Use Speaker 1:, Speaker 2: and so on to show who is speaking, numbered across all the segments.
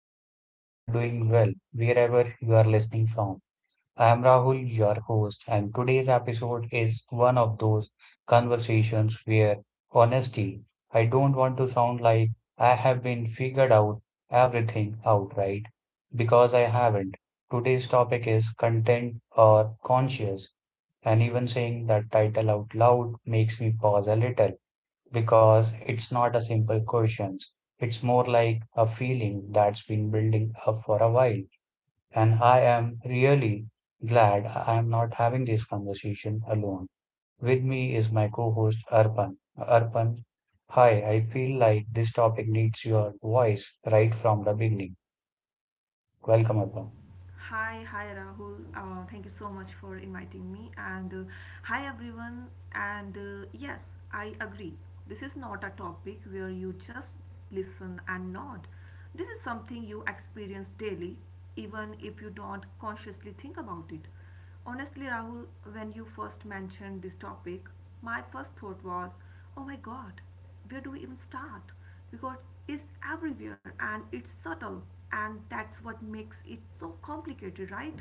Speaker 1: I hope you are doing well wherever you are listening from. I am Rahul, your host, and today's episode is one of those conversations where honesty, I don't want to sound like I have been figured out everything outright because I haven't. Today's topic is content or conscious, and even saying that title out loud makes me pause a little because it's not a simple question. It's more like a feeling that's been building up for a while. And I am really glad I am not having this conversation alone. With me is my co-host Arpan. Arpan, hi, I feel like this topic needs your voice right from the beginning. Welcome, Arpan.
Speaker 2: Hi, Rahul. Thank you so much for inviting me. And Hi everyone. And Yes, I agree. This is not a topic where you just listen and nod. This is something you experience daily, even if you don't consciously think about it. Honestly, Rahul, when you first mentioned this topic, my first thought was, oh my god, where do we even start because it's everywhere and it's subtle, and that's what makes it so complicated, right?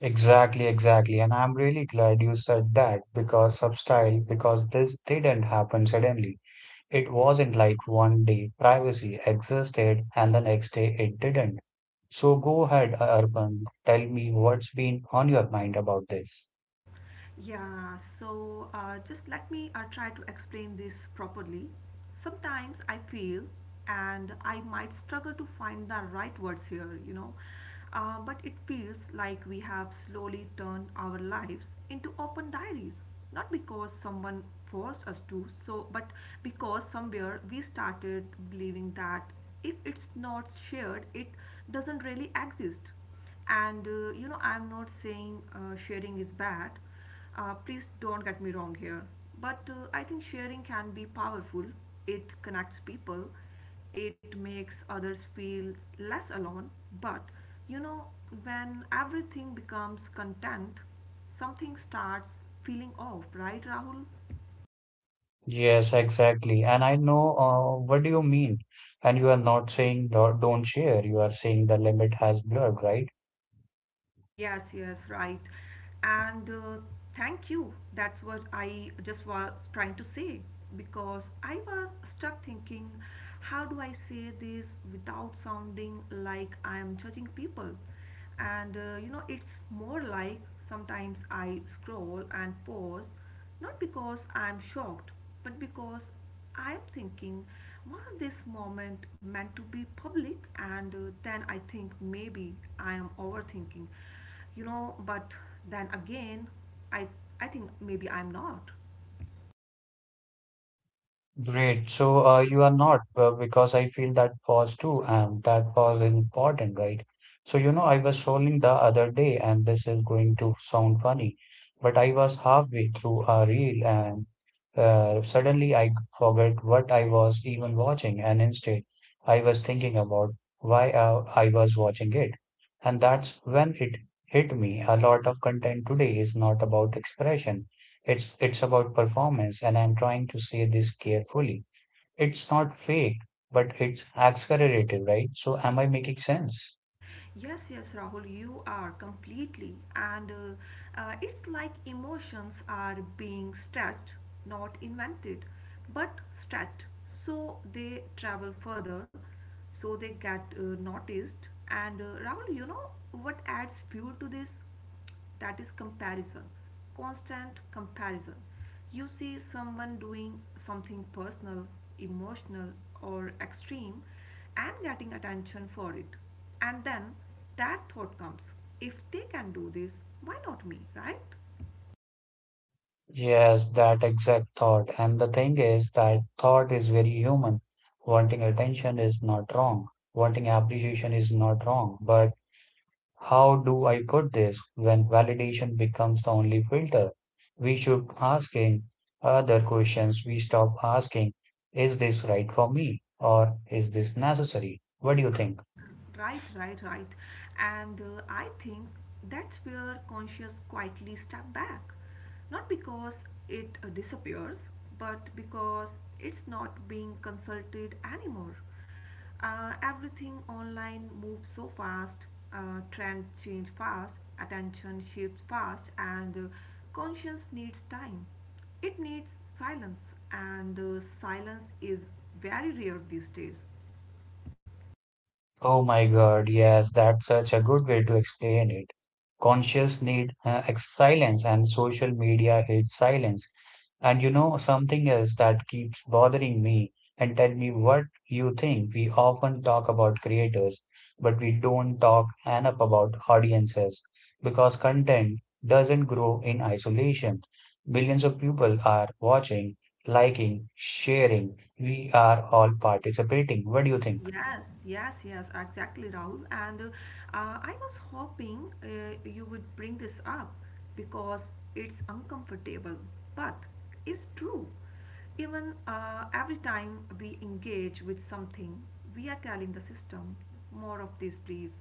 Speaker 1: Exactly, exactly. And I'm really glad you said that because substyle, because this didn't happen suddenly. It wasn't like one day privacy existed and the next day it didn't. So go ahead, Arpan. Tell me what's been on your mind about this.
Speaker 2: Just let me try to explain this properly. Sometimes I feel, and I might struggle to find the right words here, you know, but it feels like we have slowly turned our lives into open diaries. Not because someone forced us to, but because somewhere we started believing that if it's not shared, it doesn't really exist. And I'm not saying sharing is bad. Please don't get me wrong here, but I think sharing can be powerful. It connects people, it makes others feel less alone. But, you know when everything becomes content, something starts feeling off, right Rahul?
Speaker 1: Yes, exactly. And I know what do you mean. And you are not saying don't share. You are saying the limit has blurred, right?
Speaker 2: Yes, yes, right. And Thank you. That's what I just was trying to say because I was stuck thinking, how do I say this without sounding like I am judging people? And You know, it's more like sometimes I scroll and pause, not because I'm shocked, but because I'm thinking, was this moment meant to be public? And Then I think maybe I am overthinking, you know, but then again, I, I think maybe I'm not.
Speaker 1: Great. So you are not, because I feel that pause too, and that pause is important, right? So, you know, I was scrolling the other day, and this is going to sound funny, but I was halfway through a reel, and suddenly I forgot what I was even watching, and instead I was thinking about why I was watching it. And that's when it hit me. A lot of content today is not about expression. It's about performance, and I'm trying to say this carefully. It's not fake, but it's accelerative, right? So am I making sense?
Speaker 2: Yes, yes, Rahul, you are completely. And It's like emotions are being stretched, not invented, but stretched. So they travel further, so they get noticed. And Rahul, you know what adds fuel to this? That is comparison, constant comparison. You see someone doing something personal, emotional, or extreme, and getting attention for it, and then that thought comes, if they can do this, why not me, right?
Speaker 1: Yes, that exact thought. And the thing is that thought is very human. Wanting attention is not wrong. Wanting appreciation is not wrong. But how do I put this when validation becomes the only filter? We should asking other questions. We stop asking, is this right for me? Or is this necessary? What do you think?
Speaker 2: Right, right, right. And I think that's where conscious quietly step back. Not because it disappears, but because it's not being consulted anymore. Everything online moves so fast, trends change fast, attention shifts fast, and conscience needs time. It needs silence, and silence is very rare these days.
Speaker 1: Oh my God, yes, that's such a good way to explain it. Conscious need silence, and social media hates silence. And you know, something else that keeps bothering me, and tell me what you think. We often talk about creators, but we don't talk enough about audiences because content doesn't grow in isolation. Billions of people are watching, liking, sharing. We are all participating. What do you think?
Speaker 2: Yes, yes, yes, exactly, Rahul. And I was hoping you would bring this up because it's uncomfortable, but it's true. Even Every time we engage with something, we are telling the system, more of this, please.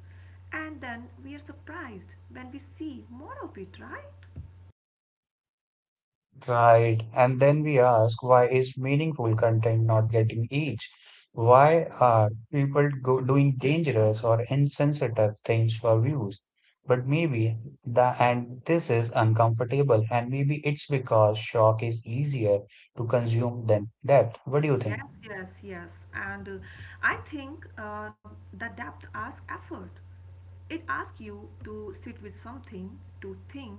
Speaker 2: And then we are surprised when we see more of it, right?
Speaker 1: Right. And then we ask, why is meaningful content not getting reach? Why are people go doing dangerous or insensitive things for views? But maybe the and this is uncomfortable, and maybe it's because shock is easier to consume than depth. What do you think?
Speaker 2: Yes, yes, yes. And I think the depth asks effort. It asks you to sit with something, to think,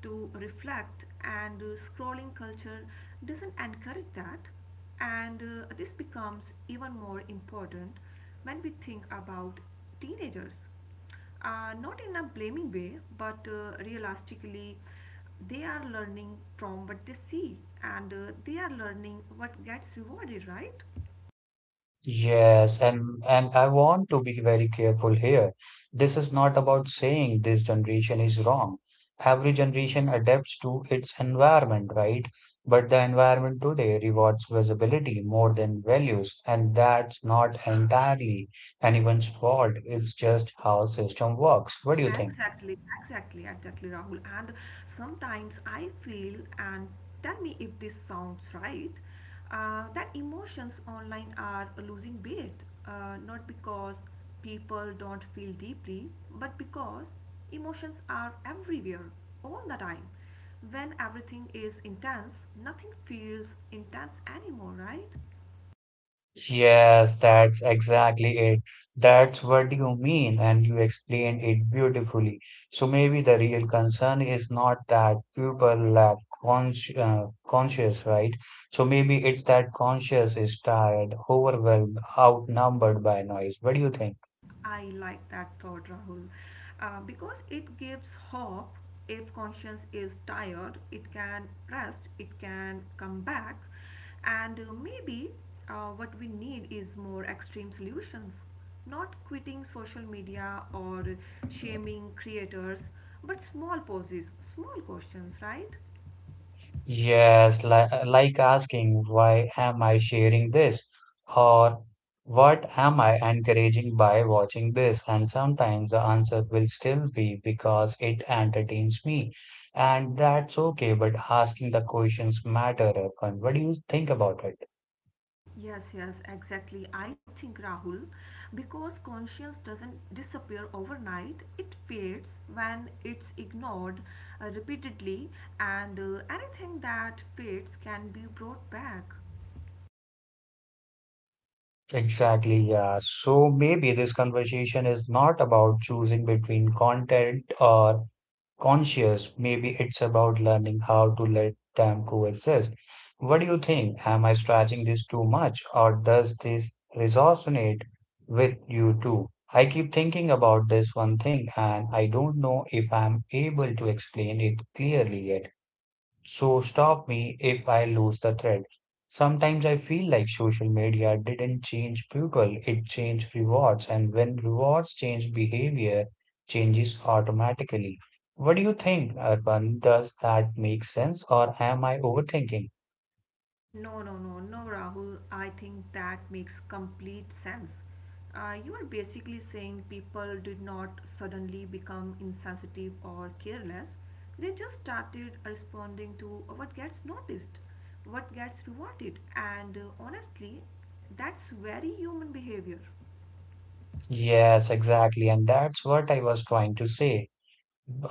Speaker 2: to reflect, and scrolling culture doesn't encourage that. And This becomes even more important when we think about teenagers, not in a blaming way, but realistically, they are learning from what they see, and they are learning what gets rewarded, right?
Speaker 1: Yes, and I want to be very careful here. This is not about saying this generation is wrong. Every generation adapts to its environment, right? But the environment today rewards visibility more than values, and that's not entirely anyone's fault. It's just how system works. What do you think?
Speaker 2: Exactly, exactly, exactly, Rahul. And sometimes I feel, and tell me if this sounds right, that emotions online are losing weight, not because people don't feel deeply, but because emotions are everywhere, all the time. When everything is intense, nothing feels intense anymore, right?
Speaker 1: Yes, that's exactly it. That's what you mean, and you explained it beautifully. So maybe the real concern is not that people lack conscious, right? So maybe it's that conscious is tired, overwhelmed, outnumbered by noise. What do you think?
Speaker 2: I like that thought, Rahul, because it gives hope. If conscience is tired, it can rest, it can come back, and maybe what we need is more extreme solutions, not quitting social media or shaming creators, but small pauses, small questions, right?
Speaker 1: Yes, like asking, why am I sharing this? Or what am I encouraging by watching this? And sometimes the answer will still be because it entertains me. And that's okay, but asking the questions matter, Erkan. What do you think about it?
Speaker 2: Yes, yes, exactly. I think Rahul, because conscience doesn't disappear overnight, it fades when it's ignored repeatedly, and anything that fades can be brought back.
Speaker 1: Exactly, yeah. So maybe this conversation is not about choosing between content or conscious. Maybe it's about learning how to let them coexist. What do you think? Am I stretching this too much, or does this resonate with you too? I keep thinking about this one thing, and I don't know if I'm able to explain it clearly yet. So stop me if I lose the thread. Sometimes I feel like social media didn't change people, it changed rewards, and when rewards change, behavior changes automatically. What do you think, Urban? Does that make sense, or am I overthinking?
Speaker 2: No, no, no, no, Rahul. I think that makes complete sense. You are basically saying people did not suddenly become insensitive or careless. They just started responding to what gets noticed, what gets rewarded, and honestly, that's very human behavior.
Speaker 1: Yes, exactly, and that's what I was trying to say.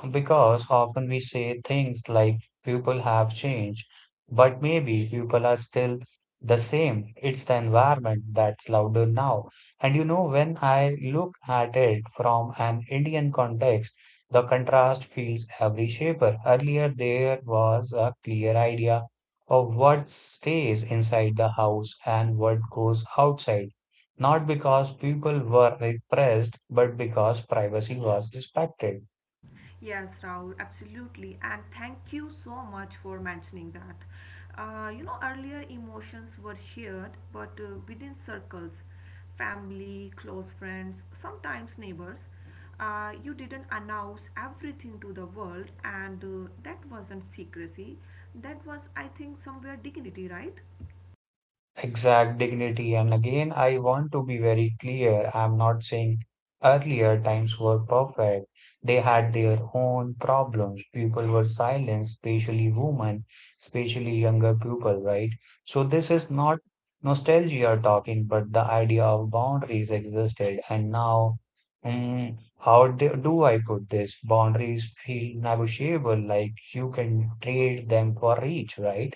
Speaker 1: Because often we say things like people have changed, but maybe people are still the same. It's the environment that's louder now. And you know, when I look at it from an Indian context, the contrast feels every shaper. Earlier, there was a clear idea of what stays inside the house and what goes outside. Not because people were repressed, but because privacy was respected.
Speaker 2: Yes, Rahul, absolutely. And thank you so much for mentioning that. You know, earlier emotions were shared, but within circles, family, close friends, sometimes neighbors. You didn't announce everything to the world, and that wasn't secrecy. That was, I think, somewhere dignity, right?
Speaker 1: Exact dignity. And again, I want to be very clear. I'm not saying earlier times were perfect. They had their own problems. People were silenced, especially women, especially younger people, right? So this is not nostalgia talking, but the idea of boundaries existed. And now, mm, do I put this? Boundaries feel negotiable, like you can trade them for reach, right?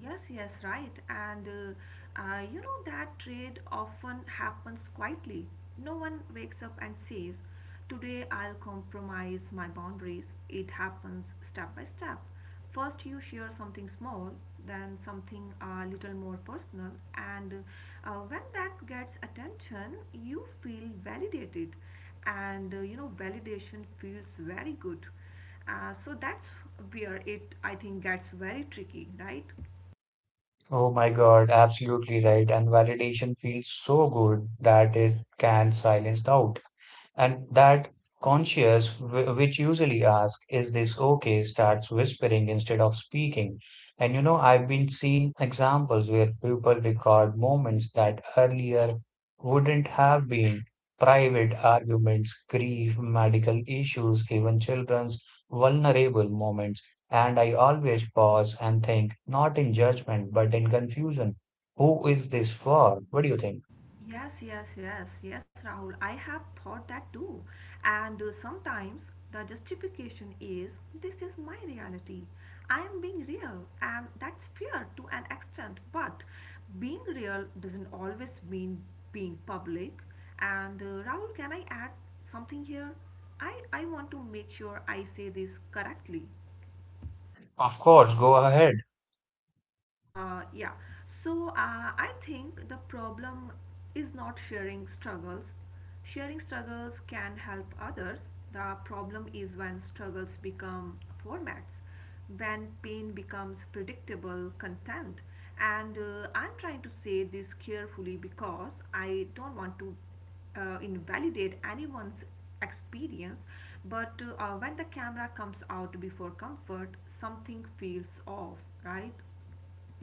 Speaker 2: Yes, yes, right. And You know that trade often happens quietly. No one wakes up and says, today I'll compromise my boundaries. It happens step by step. First, you share something small, then something a little more personal, and when that gets attention, you feel validated. And You know, validation feels very good. So that's where it, I think, gets very tricky, right?
Speaker 1: Oh my God, absolutely right. And validation feels so good that it can silence doubt. And that conscious, which usually asks, is this okay? Starts whispering instead of speaking. And you know, I've been seeing examples where people record moments that earlier wouldn't have been private arguments, grief, medical issues, even children's vulnerable moments. And I always pause and think, not in judgment, but in confusion. Who is this for? What do you think?
Speaker 2: Yes, yes, yes, yes, Rahul. I have thought that too. And Sometimes the justification is, this is my reality. I am being real, and that's fair to an extent. But being real doesn't always mean being public. And Rahul, can I add something here? I want to make sure I say this correctly.
Speaker 1: Of course, go ahead.
Speaker 2: Yeah. So I think the problem is not sharing struggles. Sharing struggles can help others. The problem is when struggles become formats, when pain becomes predictable content. And I'm trying to say this carefully because I don't want to invalidate anyone's experience, but when the camera comes out before comfort, something feels off, right?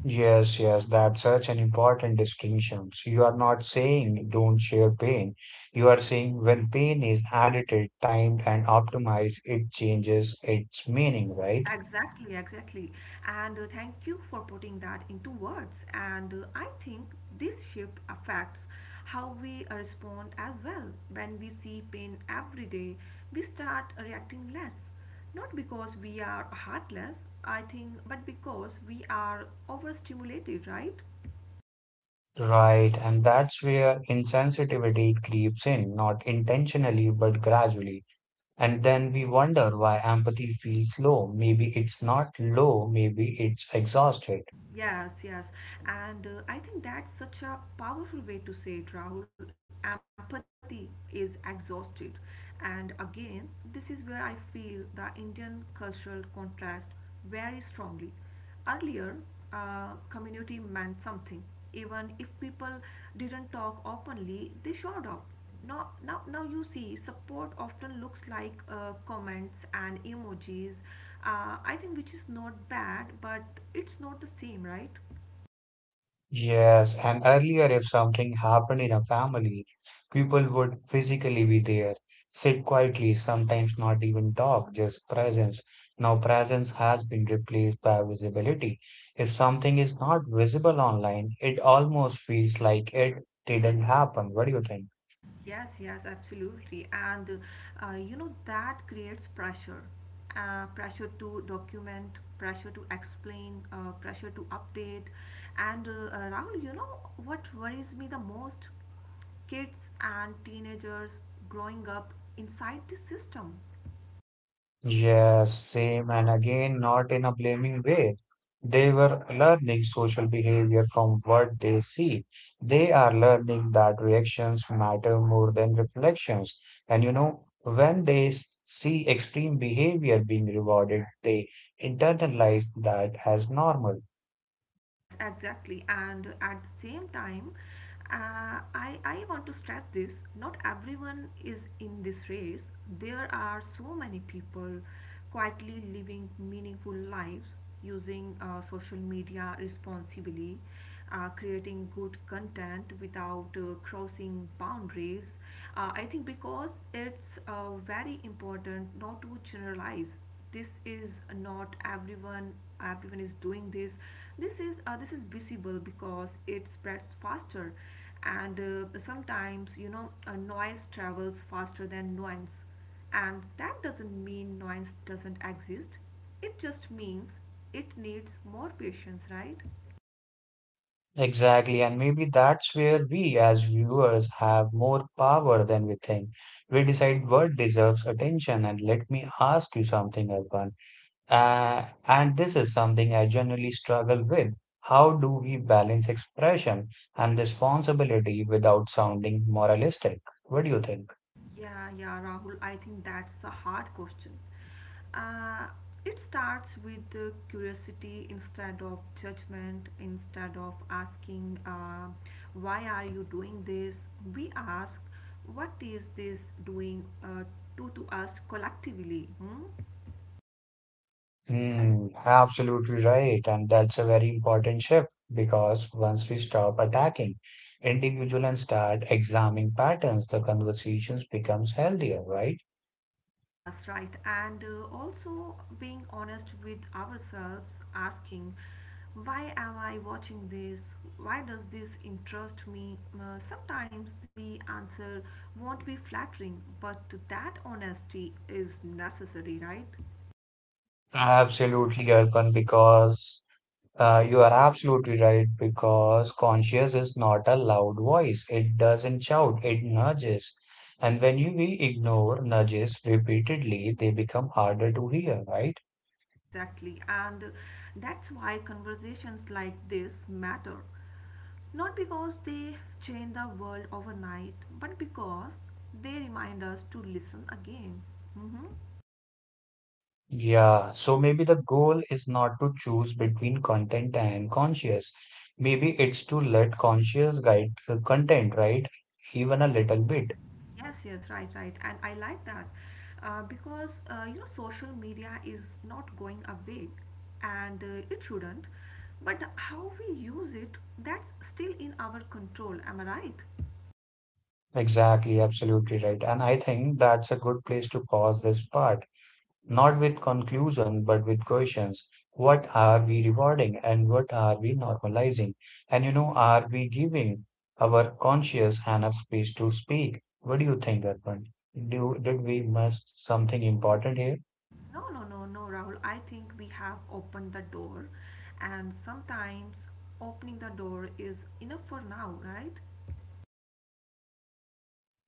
Speaker 1: Yes, yes, that's such an important distinction. So you are not saying don't share pain. You are saying when pain is edited, timed, and optimized, it changes its meaning, right?
Speaker 2: Exactly, exactly. And Thank you for putting that into words. And I think this shift affects how we respond as well. When we see pain every day, we start reacting less. Not because we are heartless, I think, but because we are overstimulated, right?
Speaker 1: Right, and that's where insensitivity creeps in, not intentionally, but gradually. And then we wonder why empathy feels low. Maybe it's not low, maybe it's exhausted.
Speaker 2: Yes, yes. And I think that's such a powerful way to say it, Rahul. Empathy is exhausted. And again, this is where I feel the Indian cultural contrast very strongly. Earlier, community meant something. Even if people didn't talk openly, they showed up. Now you see support often looks like comments and emojis, I think, which is not bad, but it's not the same, right?
Speaker 1: Yes, and earlier, if something happened in a family, people would physically be there, sit quietly, sometimes not even talk, just presence. Now, presence has been replaced by visibility. If something is not visible online, it almost feels like it didn't happen. What do you think?
Speaker 2: Yes, yes, yes, absolutely. And You know that creates pressure, pressure to document, pressure to explain, pressure to update, and Rahul, you know what worries me the most? Kids and teenagers growing up inside this system.
Speaker 1: Yes, same. And again, not in a blaming way. They were learning social behavior from what they see. They are learning that reactions matter more than reflections. And you know, when they see extreme behavior being rewarded, they internalize that as normal.
Speaker 2: Yes, exactly. And at the same time, I want to stress this, not everyone is in this race. There are so many people quietly living meaningful lives, using social media responsibly, creating good content without crossing boundaries, I think, because it's very important not to generalize. This is not everyone. Everyone is doing this. This is visible because it spreads faster, and sometimes you know noise travels faster than nuance, and that doesn't mean noise doesn't exist. It just means it needs more patience, right?
Speaker 1: Exactly. And maybe that's where we as viewers have more power than we think. We decide what deserves attention. And let me ask you something, Arpan. And this is something I generally struggle with. How do we balance expression and responsibility without sounding moralistic? What do you think?
Speaker 2: Yeah, yeah, Rahul, I think that's a hard question. Uh, it starts with the curiosity instead of judgment, instead of asking, why are you doing this? We ask, what is this doing to us collectively? Hmm?
Speaker 1: Hmm, absolutely right. And that's a very important shift because once we stop attacking individual and start examining patterns, the conversations becomes healthier, right?
Speaker 2: Yes, right. And Also being honest with ourselves, asking, why am I watching this? Why does this interest me? Sometimes the answer won't be flattering, but that honesty is necessary, right?
Speaker 1: Absolutely, Arpan, because you are absolutely right because conscience is not a loud voice. It doesn't shout, it nudges. And when we ignore nudges repeatedly, they become harder to hear, right?
Speaker 2: Exactly. And that's why conversations like this matter. Not because they change the world overnight, but because they remind us to listen again. Mhm.
Speaker 1: Yeah, so maybe the goal is not to choose between content and conscious. Maybe it's to let conscious guide the content, right? Even a little bit.
Speaker 2: Yes, yes, right, right. And I like that, because you know social media is not going away, and it shouldn't. But how we use it, that's still in our control. Am I right?
Speaker 1: Exactly, absolutely right. And I think that's a good place to pause this part. Not with conclusion, but with questions. What are we rewarding and what are we normalizing? And you know, are we giving our conscious enough space to speak? What do you think, Arpan? Did we miss something important here?
Speaker 2: No, no, no, no, Rahul. I think we have opened the door, and sometimes opening the door is enough for now, right?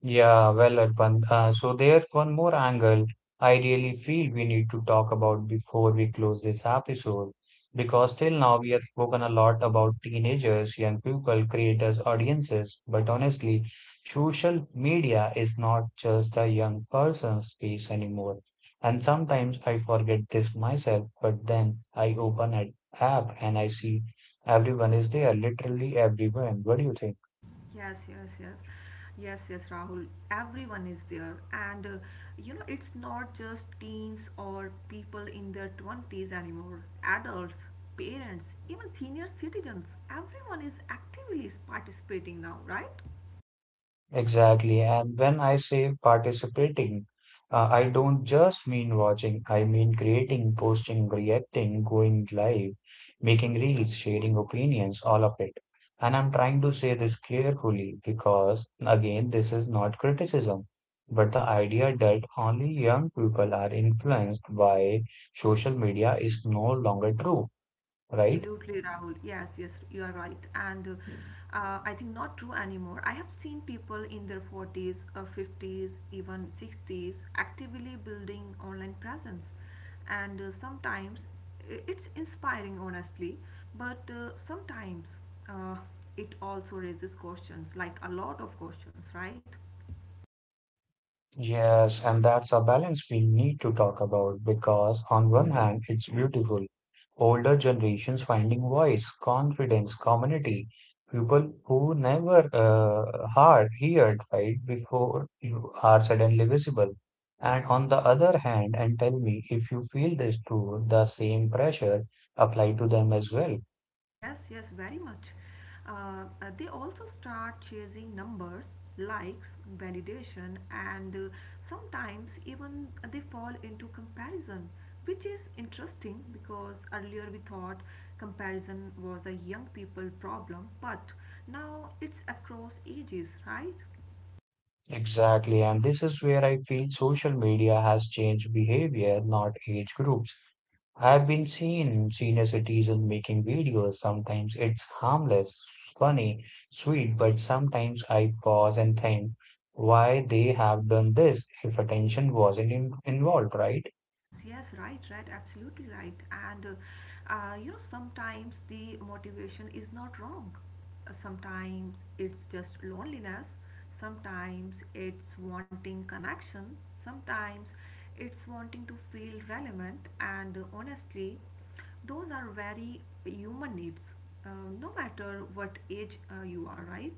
Speaker 1: Yeah, well, Arpan. So there's one more angle I really feel we need to talk about before we close this episode, because till now we have spoken a lot about teenagers, young people, creators, audiences, but honestly, social media is not just a young person's space anymore. And sometimes I forget this myself, but then I open an app and I see everyone is there, literally everyone. What do you think?
Speaker 2: Yes, yes, yes. Yes, yes, Rahul. Everyone is there. And You know, it's not just teens or people in their 20s anymore. Adults, parents, even senior citizens, everyone is actively participating now, right?
Speaker 1: Exactly. And when I say participating, I don't just mean watching, I mean creating, posting, reacting, going live, making reels, sharing opinions, all of it. And I'm trying to say this carefully because, again, this is not criticism, but the idea that only young people are influenced by social media is no longer true, right?
Speaker 2: Absolutely, Rahul. Yes, yes, you are right. And I think not true anymore. I have seen people in their 40s, 50s, even 60s actively building online presence. And Sometimes it's inspiring, honestly, but sometimes uh, it also raises questions, like a lot of questions, right?
Speaker 1: Yes, and that's a balance we need to talk about because, on one hand, it's beautiful. Older generations finding voice, confidence, community, people who never heard right before you are suddenly visible. And on the other hand, and tell me if you feel this too, the same pressure apply to them as well.
Speaker 2: Yes, yes, very much. They also start chasing numbers, likes, validation, and sometimes even they fall into comparison, which is interesting because earlier we thought comparison was a young people problem, but now it's across ages, right?
Speaker 1: Exactly, and this is where I feel social media has changed behavior, not age groups. I've been seeing senior citizens making videos. Sometimes it's harmless, funny, sweet, but sometimes I pause and think why they have done this if attention wasn't in involved, right?
Speaker 2: Yes, yes, right, right, absolutely right. And You know, sometimes the motivation is not wrong. Sometimes it's just loneliness. Sometimes it's wanting connection. Sometimes it's wanting to feel relevant. And Honestly, those are very human needs, uh, no matter what age you are, right?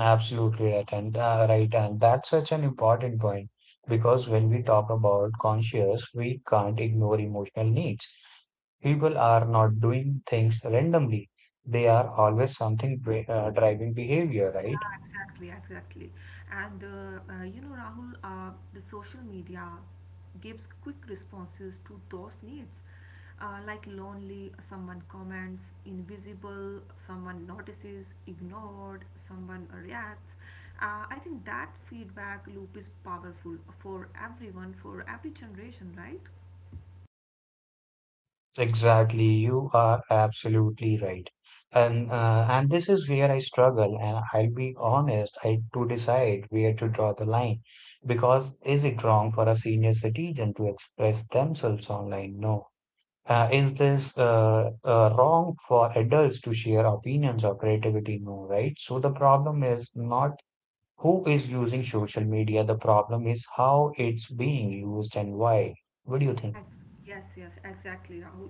Speaker 1: Absolutely right, and and that's such an important point because when we talk about conscious, we can't ignore emotional needs. People are not doing things randomly; they are always something driving behavior, right?
Speaker 2: Yeah, exactly, exactly. And You know, Rahul, the social media gives quick responses to those needs. Like lonely, someone comments, invisible, someone notices, ignored, someone reacts. I think that feedback loop is powerful for everyone, for every generation, right?
Speaker 1: Exactly, you are absolutely right, and this is where I struggle, and I'll be honest, I to decide where to draw the line because is it wrong for a senior citizen to express themselves online? No. Is this wrong for adults to share opinions or creativity? No, right? So the problem is not who is using social media. The problem is how it's being used and why. What do you think?
Speaker 2: Yes, yes, exactly, Rahul.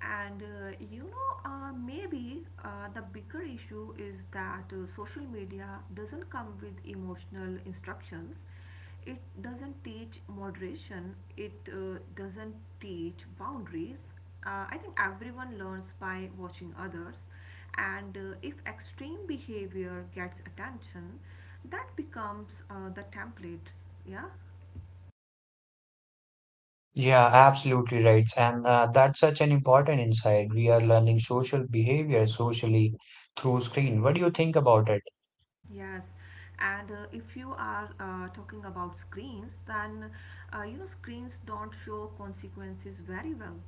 Speaker 2: Maybe the bigger issue is that social media doesn't come with emotional instructions. It doesn't teach moderation. It doesn't teach boundaries. I think everyone learns by watching others. And if extreme behavior gets attention, that becomes the template. Yeah.
Speaker 1: Yeah, absolutely right. And that's such an important insight. We are learning social behavior socially through screen. What do you think about it?
Speaker 2: Yes, and if you are talking about screens, then you know screens don't show consequences very well.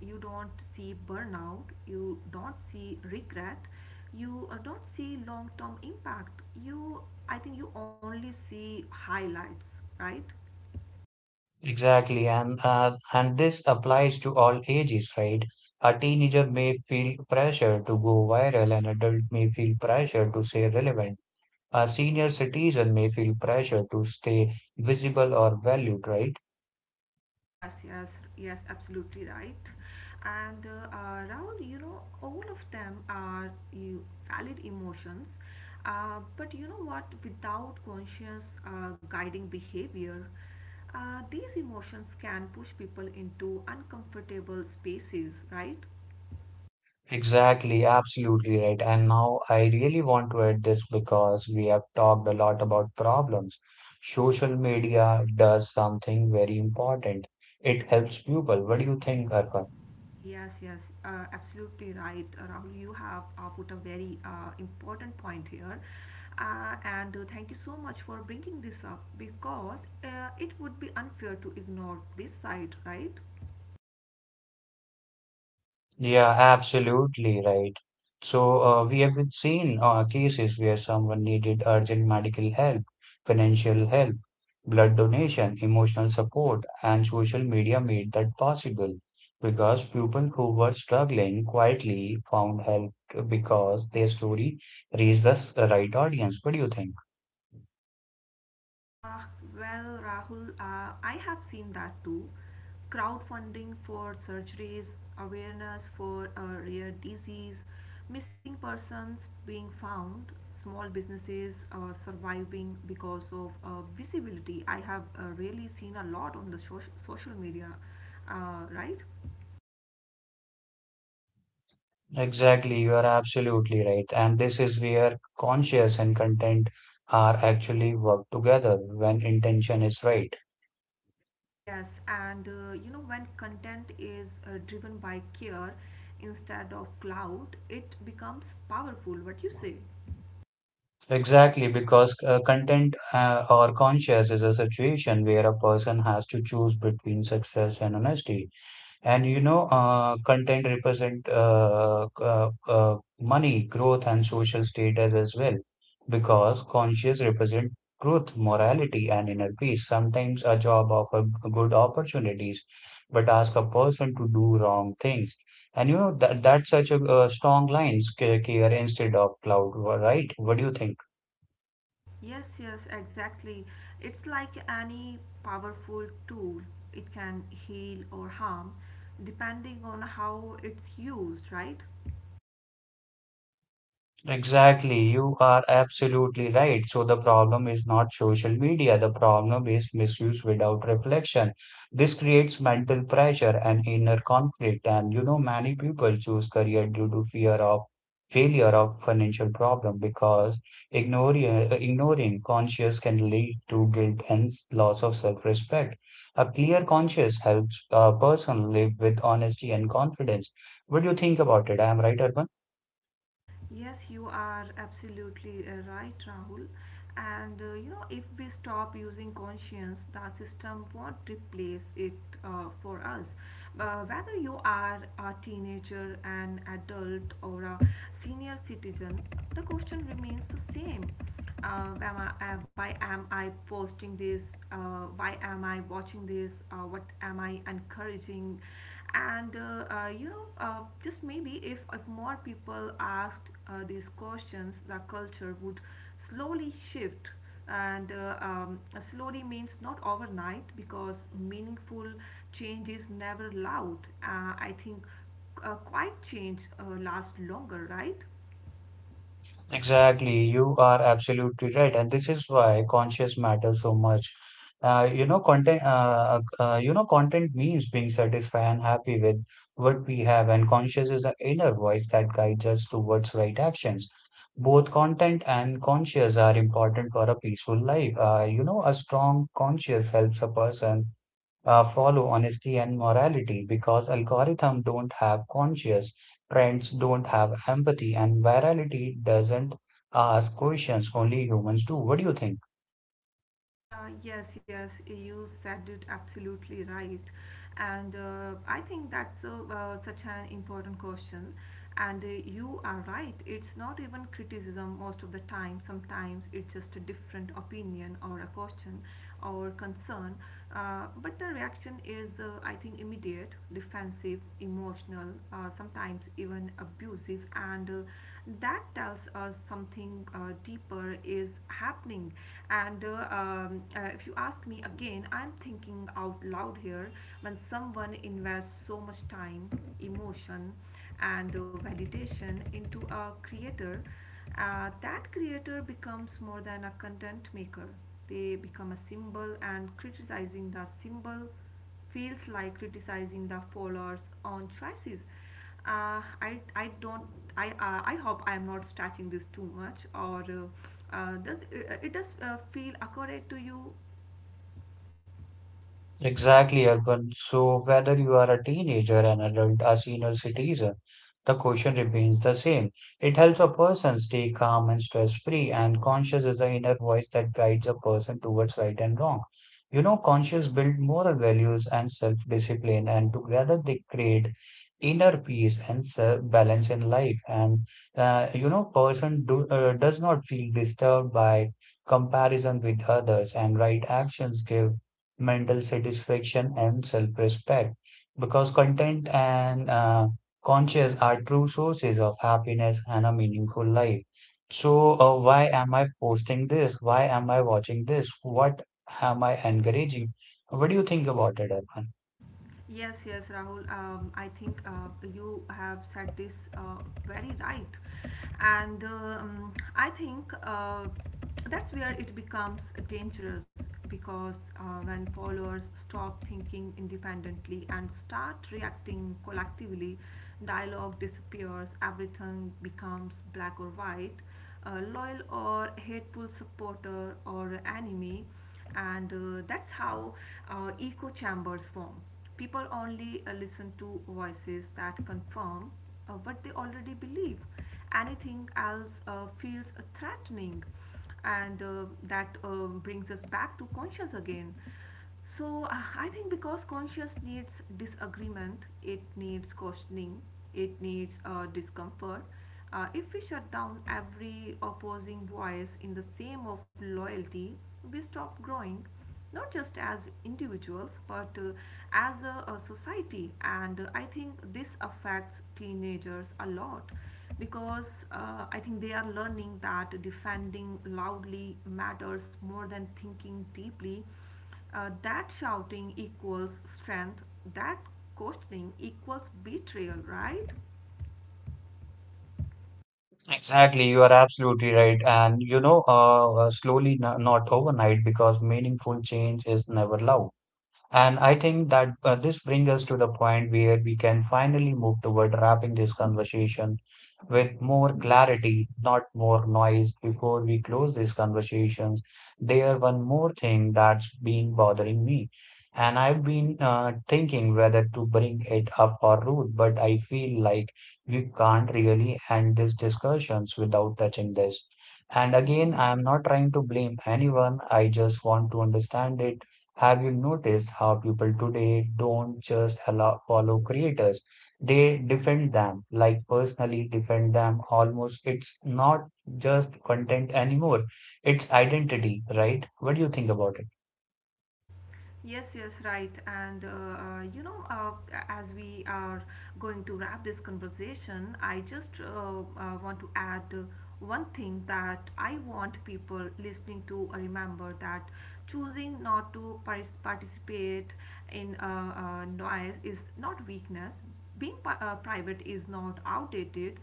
Speaker 2: You don't see burnout, you don't see regret, you don't see long-term impact. I think you only see highlights, right?
Speaker 1: Exactly, and this applies to all ages, right? A teenager may feel pressure to go viral, an adult may feel pressure to stay relevant. A senior citizen may feel pressure to stay visible or valued, right?
Speaker 2: Yes, yes, yes, absolutely right. And Rahul, you know, all of them are valid emotions, but you know what? Without conscious guiding behavior, these emotions can push people into uncomfortable spaces, right?
Speaker 1: Exactly, absolutely right. And now I really want to add this because we have talked a lot about problems. Social media does something very important. It helps people. What do you think, Arpan?
Speaker 2: Yes, yes, absolutely right, Rahul. You have put a very important point here. And thank you so much for bringing this up because it would be unfair to ignore this side, right?
Speaker 1: Yeah, absolutely right. So, we have seen cases where someone needed urgent medical help, financial help, blood donation, emotional support, and social media made that possible because people who were struggling quietly found help because their story reached the right audience. What do you think?
Speaker 2: Uh, well, Rahul, I have seen that too. Crowdfunding for surgeries, awareness for a rare disease, missing persons being found, small businesses surviving because of visibility. I have really seen a lot on the social media, right?
Speaker 1: Exactly, you are absolutely right. And this is where conscious and content are actually work together when intention is right.
Speaker 2: Yes, and you know, when content is driven by care instead of clout, it becomes powerful. What you say?
Speaker 1: Exactly, because content or conscious is a situation where a person has to choose between success and honesty. And you know, content represent money, growth, and social status as well, because conscious represent truth, morality, and inner peace. Sometimes a job offer good opportunities, but ask a person to do wrong things. And you know that that's such a strong line, care instead of cloud, right? What do you think?
Speaker 2: Yes, yes, exactly. It's like any powerful tool. It can heal or harm depending on how it's used, right?
Speaker 1: Exactly, you are absolutely right. So the problem is not social media, the problem is misuse without reflection. This creates mental pressure and inner conflict. And you know, many people choose career due to fear of failure of financial problem because ignoring ignoring conscience can lead to guilt and loss of self-respect. A clear conscience helps a person live with honesty and confidence. What do you think about it? I am right, Urban?
Speaker 2: Yes, you are absolutely right, Rahul. And you know, if we stop using conscience, the system won't replace it for us. Whether you are a teenager, an adult, or a senior citizen, the question remains the same. Why am I posting this? Why am I watching this? What am I encouraging? And just maybe if more people asked these questions, the culture would slowly shift. And slowly means not overnight, because meaningful change is never loud. I think quiet change lasts longer, right?
Speaker 1: Exactly, you are absolutely right, and this is why conscious matters so much. You know, content. You know, content means being satisfied and happy with what we have, and conscious is the inner voice that guides us towards right actions. Both content and conscious are important for a peaceful life. You know, a strong conscious helps a person follow honesty and morality because algorithms don't have conscience, trends don't have empathy and virality doesn't ask questions, only humans do. What do you think?
Speaker 2: Yes, yes, you said it absolutely right. And I think that's a such an important question. And you are right, it's not even criticism most of the time. Sometimes it's just a different opinion or a question or concern. But the reaction is, I think, immediate, defensive, emotional, sometimes even abusive. And that tells us something deeper is happening. And if you ask me, again, I'm thinking out loud here. When someone invests so much time, emotion, and validation into a creator, that creator becomes more than a content maker. They become a symbol, and criticizing the symbol feels like criticizing the followers on choices. I don't, I hope I am not stretching this too much, or does it does feel accurate to you?
Speaker 1: Exactly, Urban. So, whether you are a teenager, an adult, a senior citizen, the question remains the same. It helps a person stay calm and stress free, and conscience is the inner voice that guides a person towards right and wrong. You know, conscience builds moral values and self discipline, and together they create inner peace and balance in life. And you know, person does not feel disturbed by comparison with others, and right actions give mental satisfaction, and self respect. Because content and conscious are true sources of happiness and a meaningful life. So, why am I posting this? Why am I watching this? What am I encouraging? What do you think about it, Arpan?
Speaker 2: Yes, yes, Rahul. I think you have said this very right, and I think that's where it becomes dangerous, because when followers stop thinking independently and start reacting collectively, dialogue disappears. Everything becomes black or white, loyal or hateful, supporter or enemy. And that's how echo chambers form. People only listen to voices that confirm what they already believe. Anything else feels threatening. And that brings us back to conscious again. So I think, because conscious needs disagreement, it needs questioning, it needs discomfort. If we shut down every opposing voice in the same of loyalty, we stop growing, not just as individuals but as a society. And I think this affects teenagers a lot, because I think they are learning that defending loudly matters more than thinking deeply, that shouting equals strength, that questioning equals betrayal, right?
Speaker 1: Exactly, you are absolutely right. And you know, slowly, not overnight, because meaningful change is never loud. And I think that this brings us to the point where we can finally move toward wrapping this conversation with more clarity, not more noise. Before we close these conversations, there one more thing that's been bothering me. And I've been thinking whether to bring it up or root, but I feel like we can't really end these discussions without touching this. And again, I am not trying to blame anyone. I just want to understand it. Have you noticed how people today don't just allow, follow creators? They defend them, like personally defend them almost. It's not just content anymore, it's identity, right? What do you think about it?
Speaker 2: Yes, yes, right. And uh, you know, uh, as we are going to wrap this conversation, I just want to add one thing that I want people listening to remember: that choosing not to participate in noise is not weakness, being private is not outdated,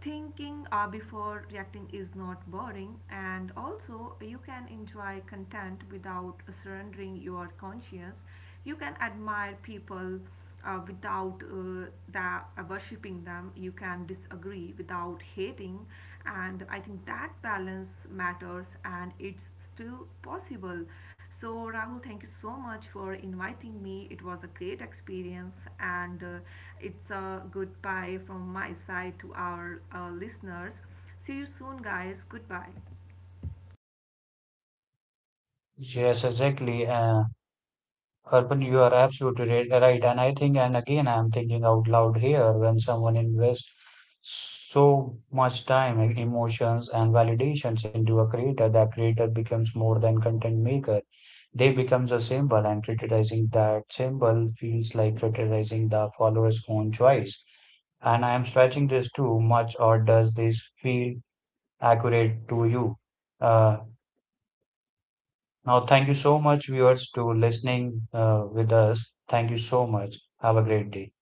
Speaker 2: thinking before reacting is not boring, and also you can enjoy content without surrendering your conscience. You can admire people without the, uh, worshipping them. You can disagree without hating, and I think that balance matters, and it's still possible. So, Rahul, thank you so much for inviting me. It was a great experience, and it's a goodbye from my side to our listeners. See you soon, guys. Goodbye.
Speaker 1: Yes, exactly. Arpan, you are absolutely right, right. And I think, and again, I'm thinking out loud here when someone invests so much time and emotions and validations into a creator, that creator becomes more than content maker. They becomes a symbol, and criticizing that symbol feels like criticizing the follower's own choice. And I am stretching this too much, or does this feel accurate to you? Uh, Now, thank you so much, viewers, to listening with us. Thank you so much. Have a great day.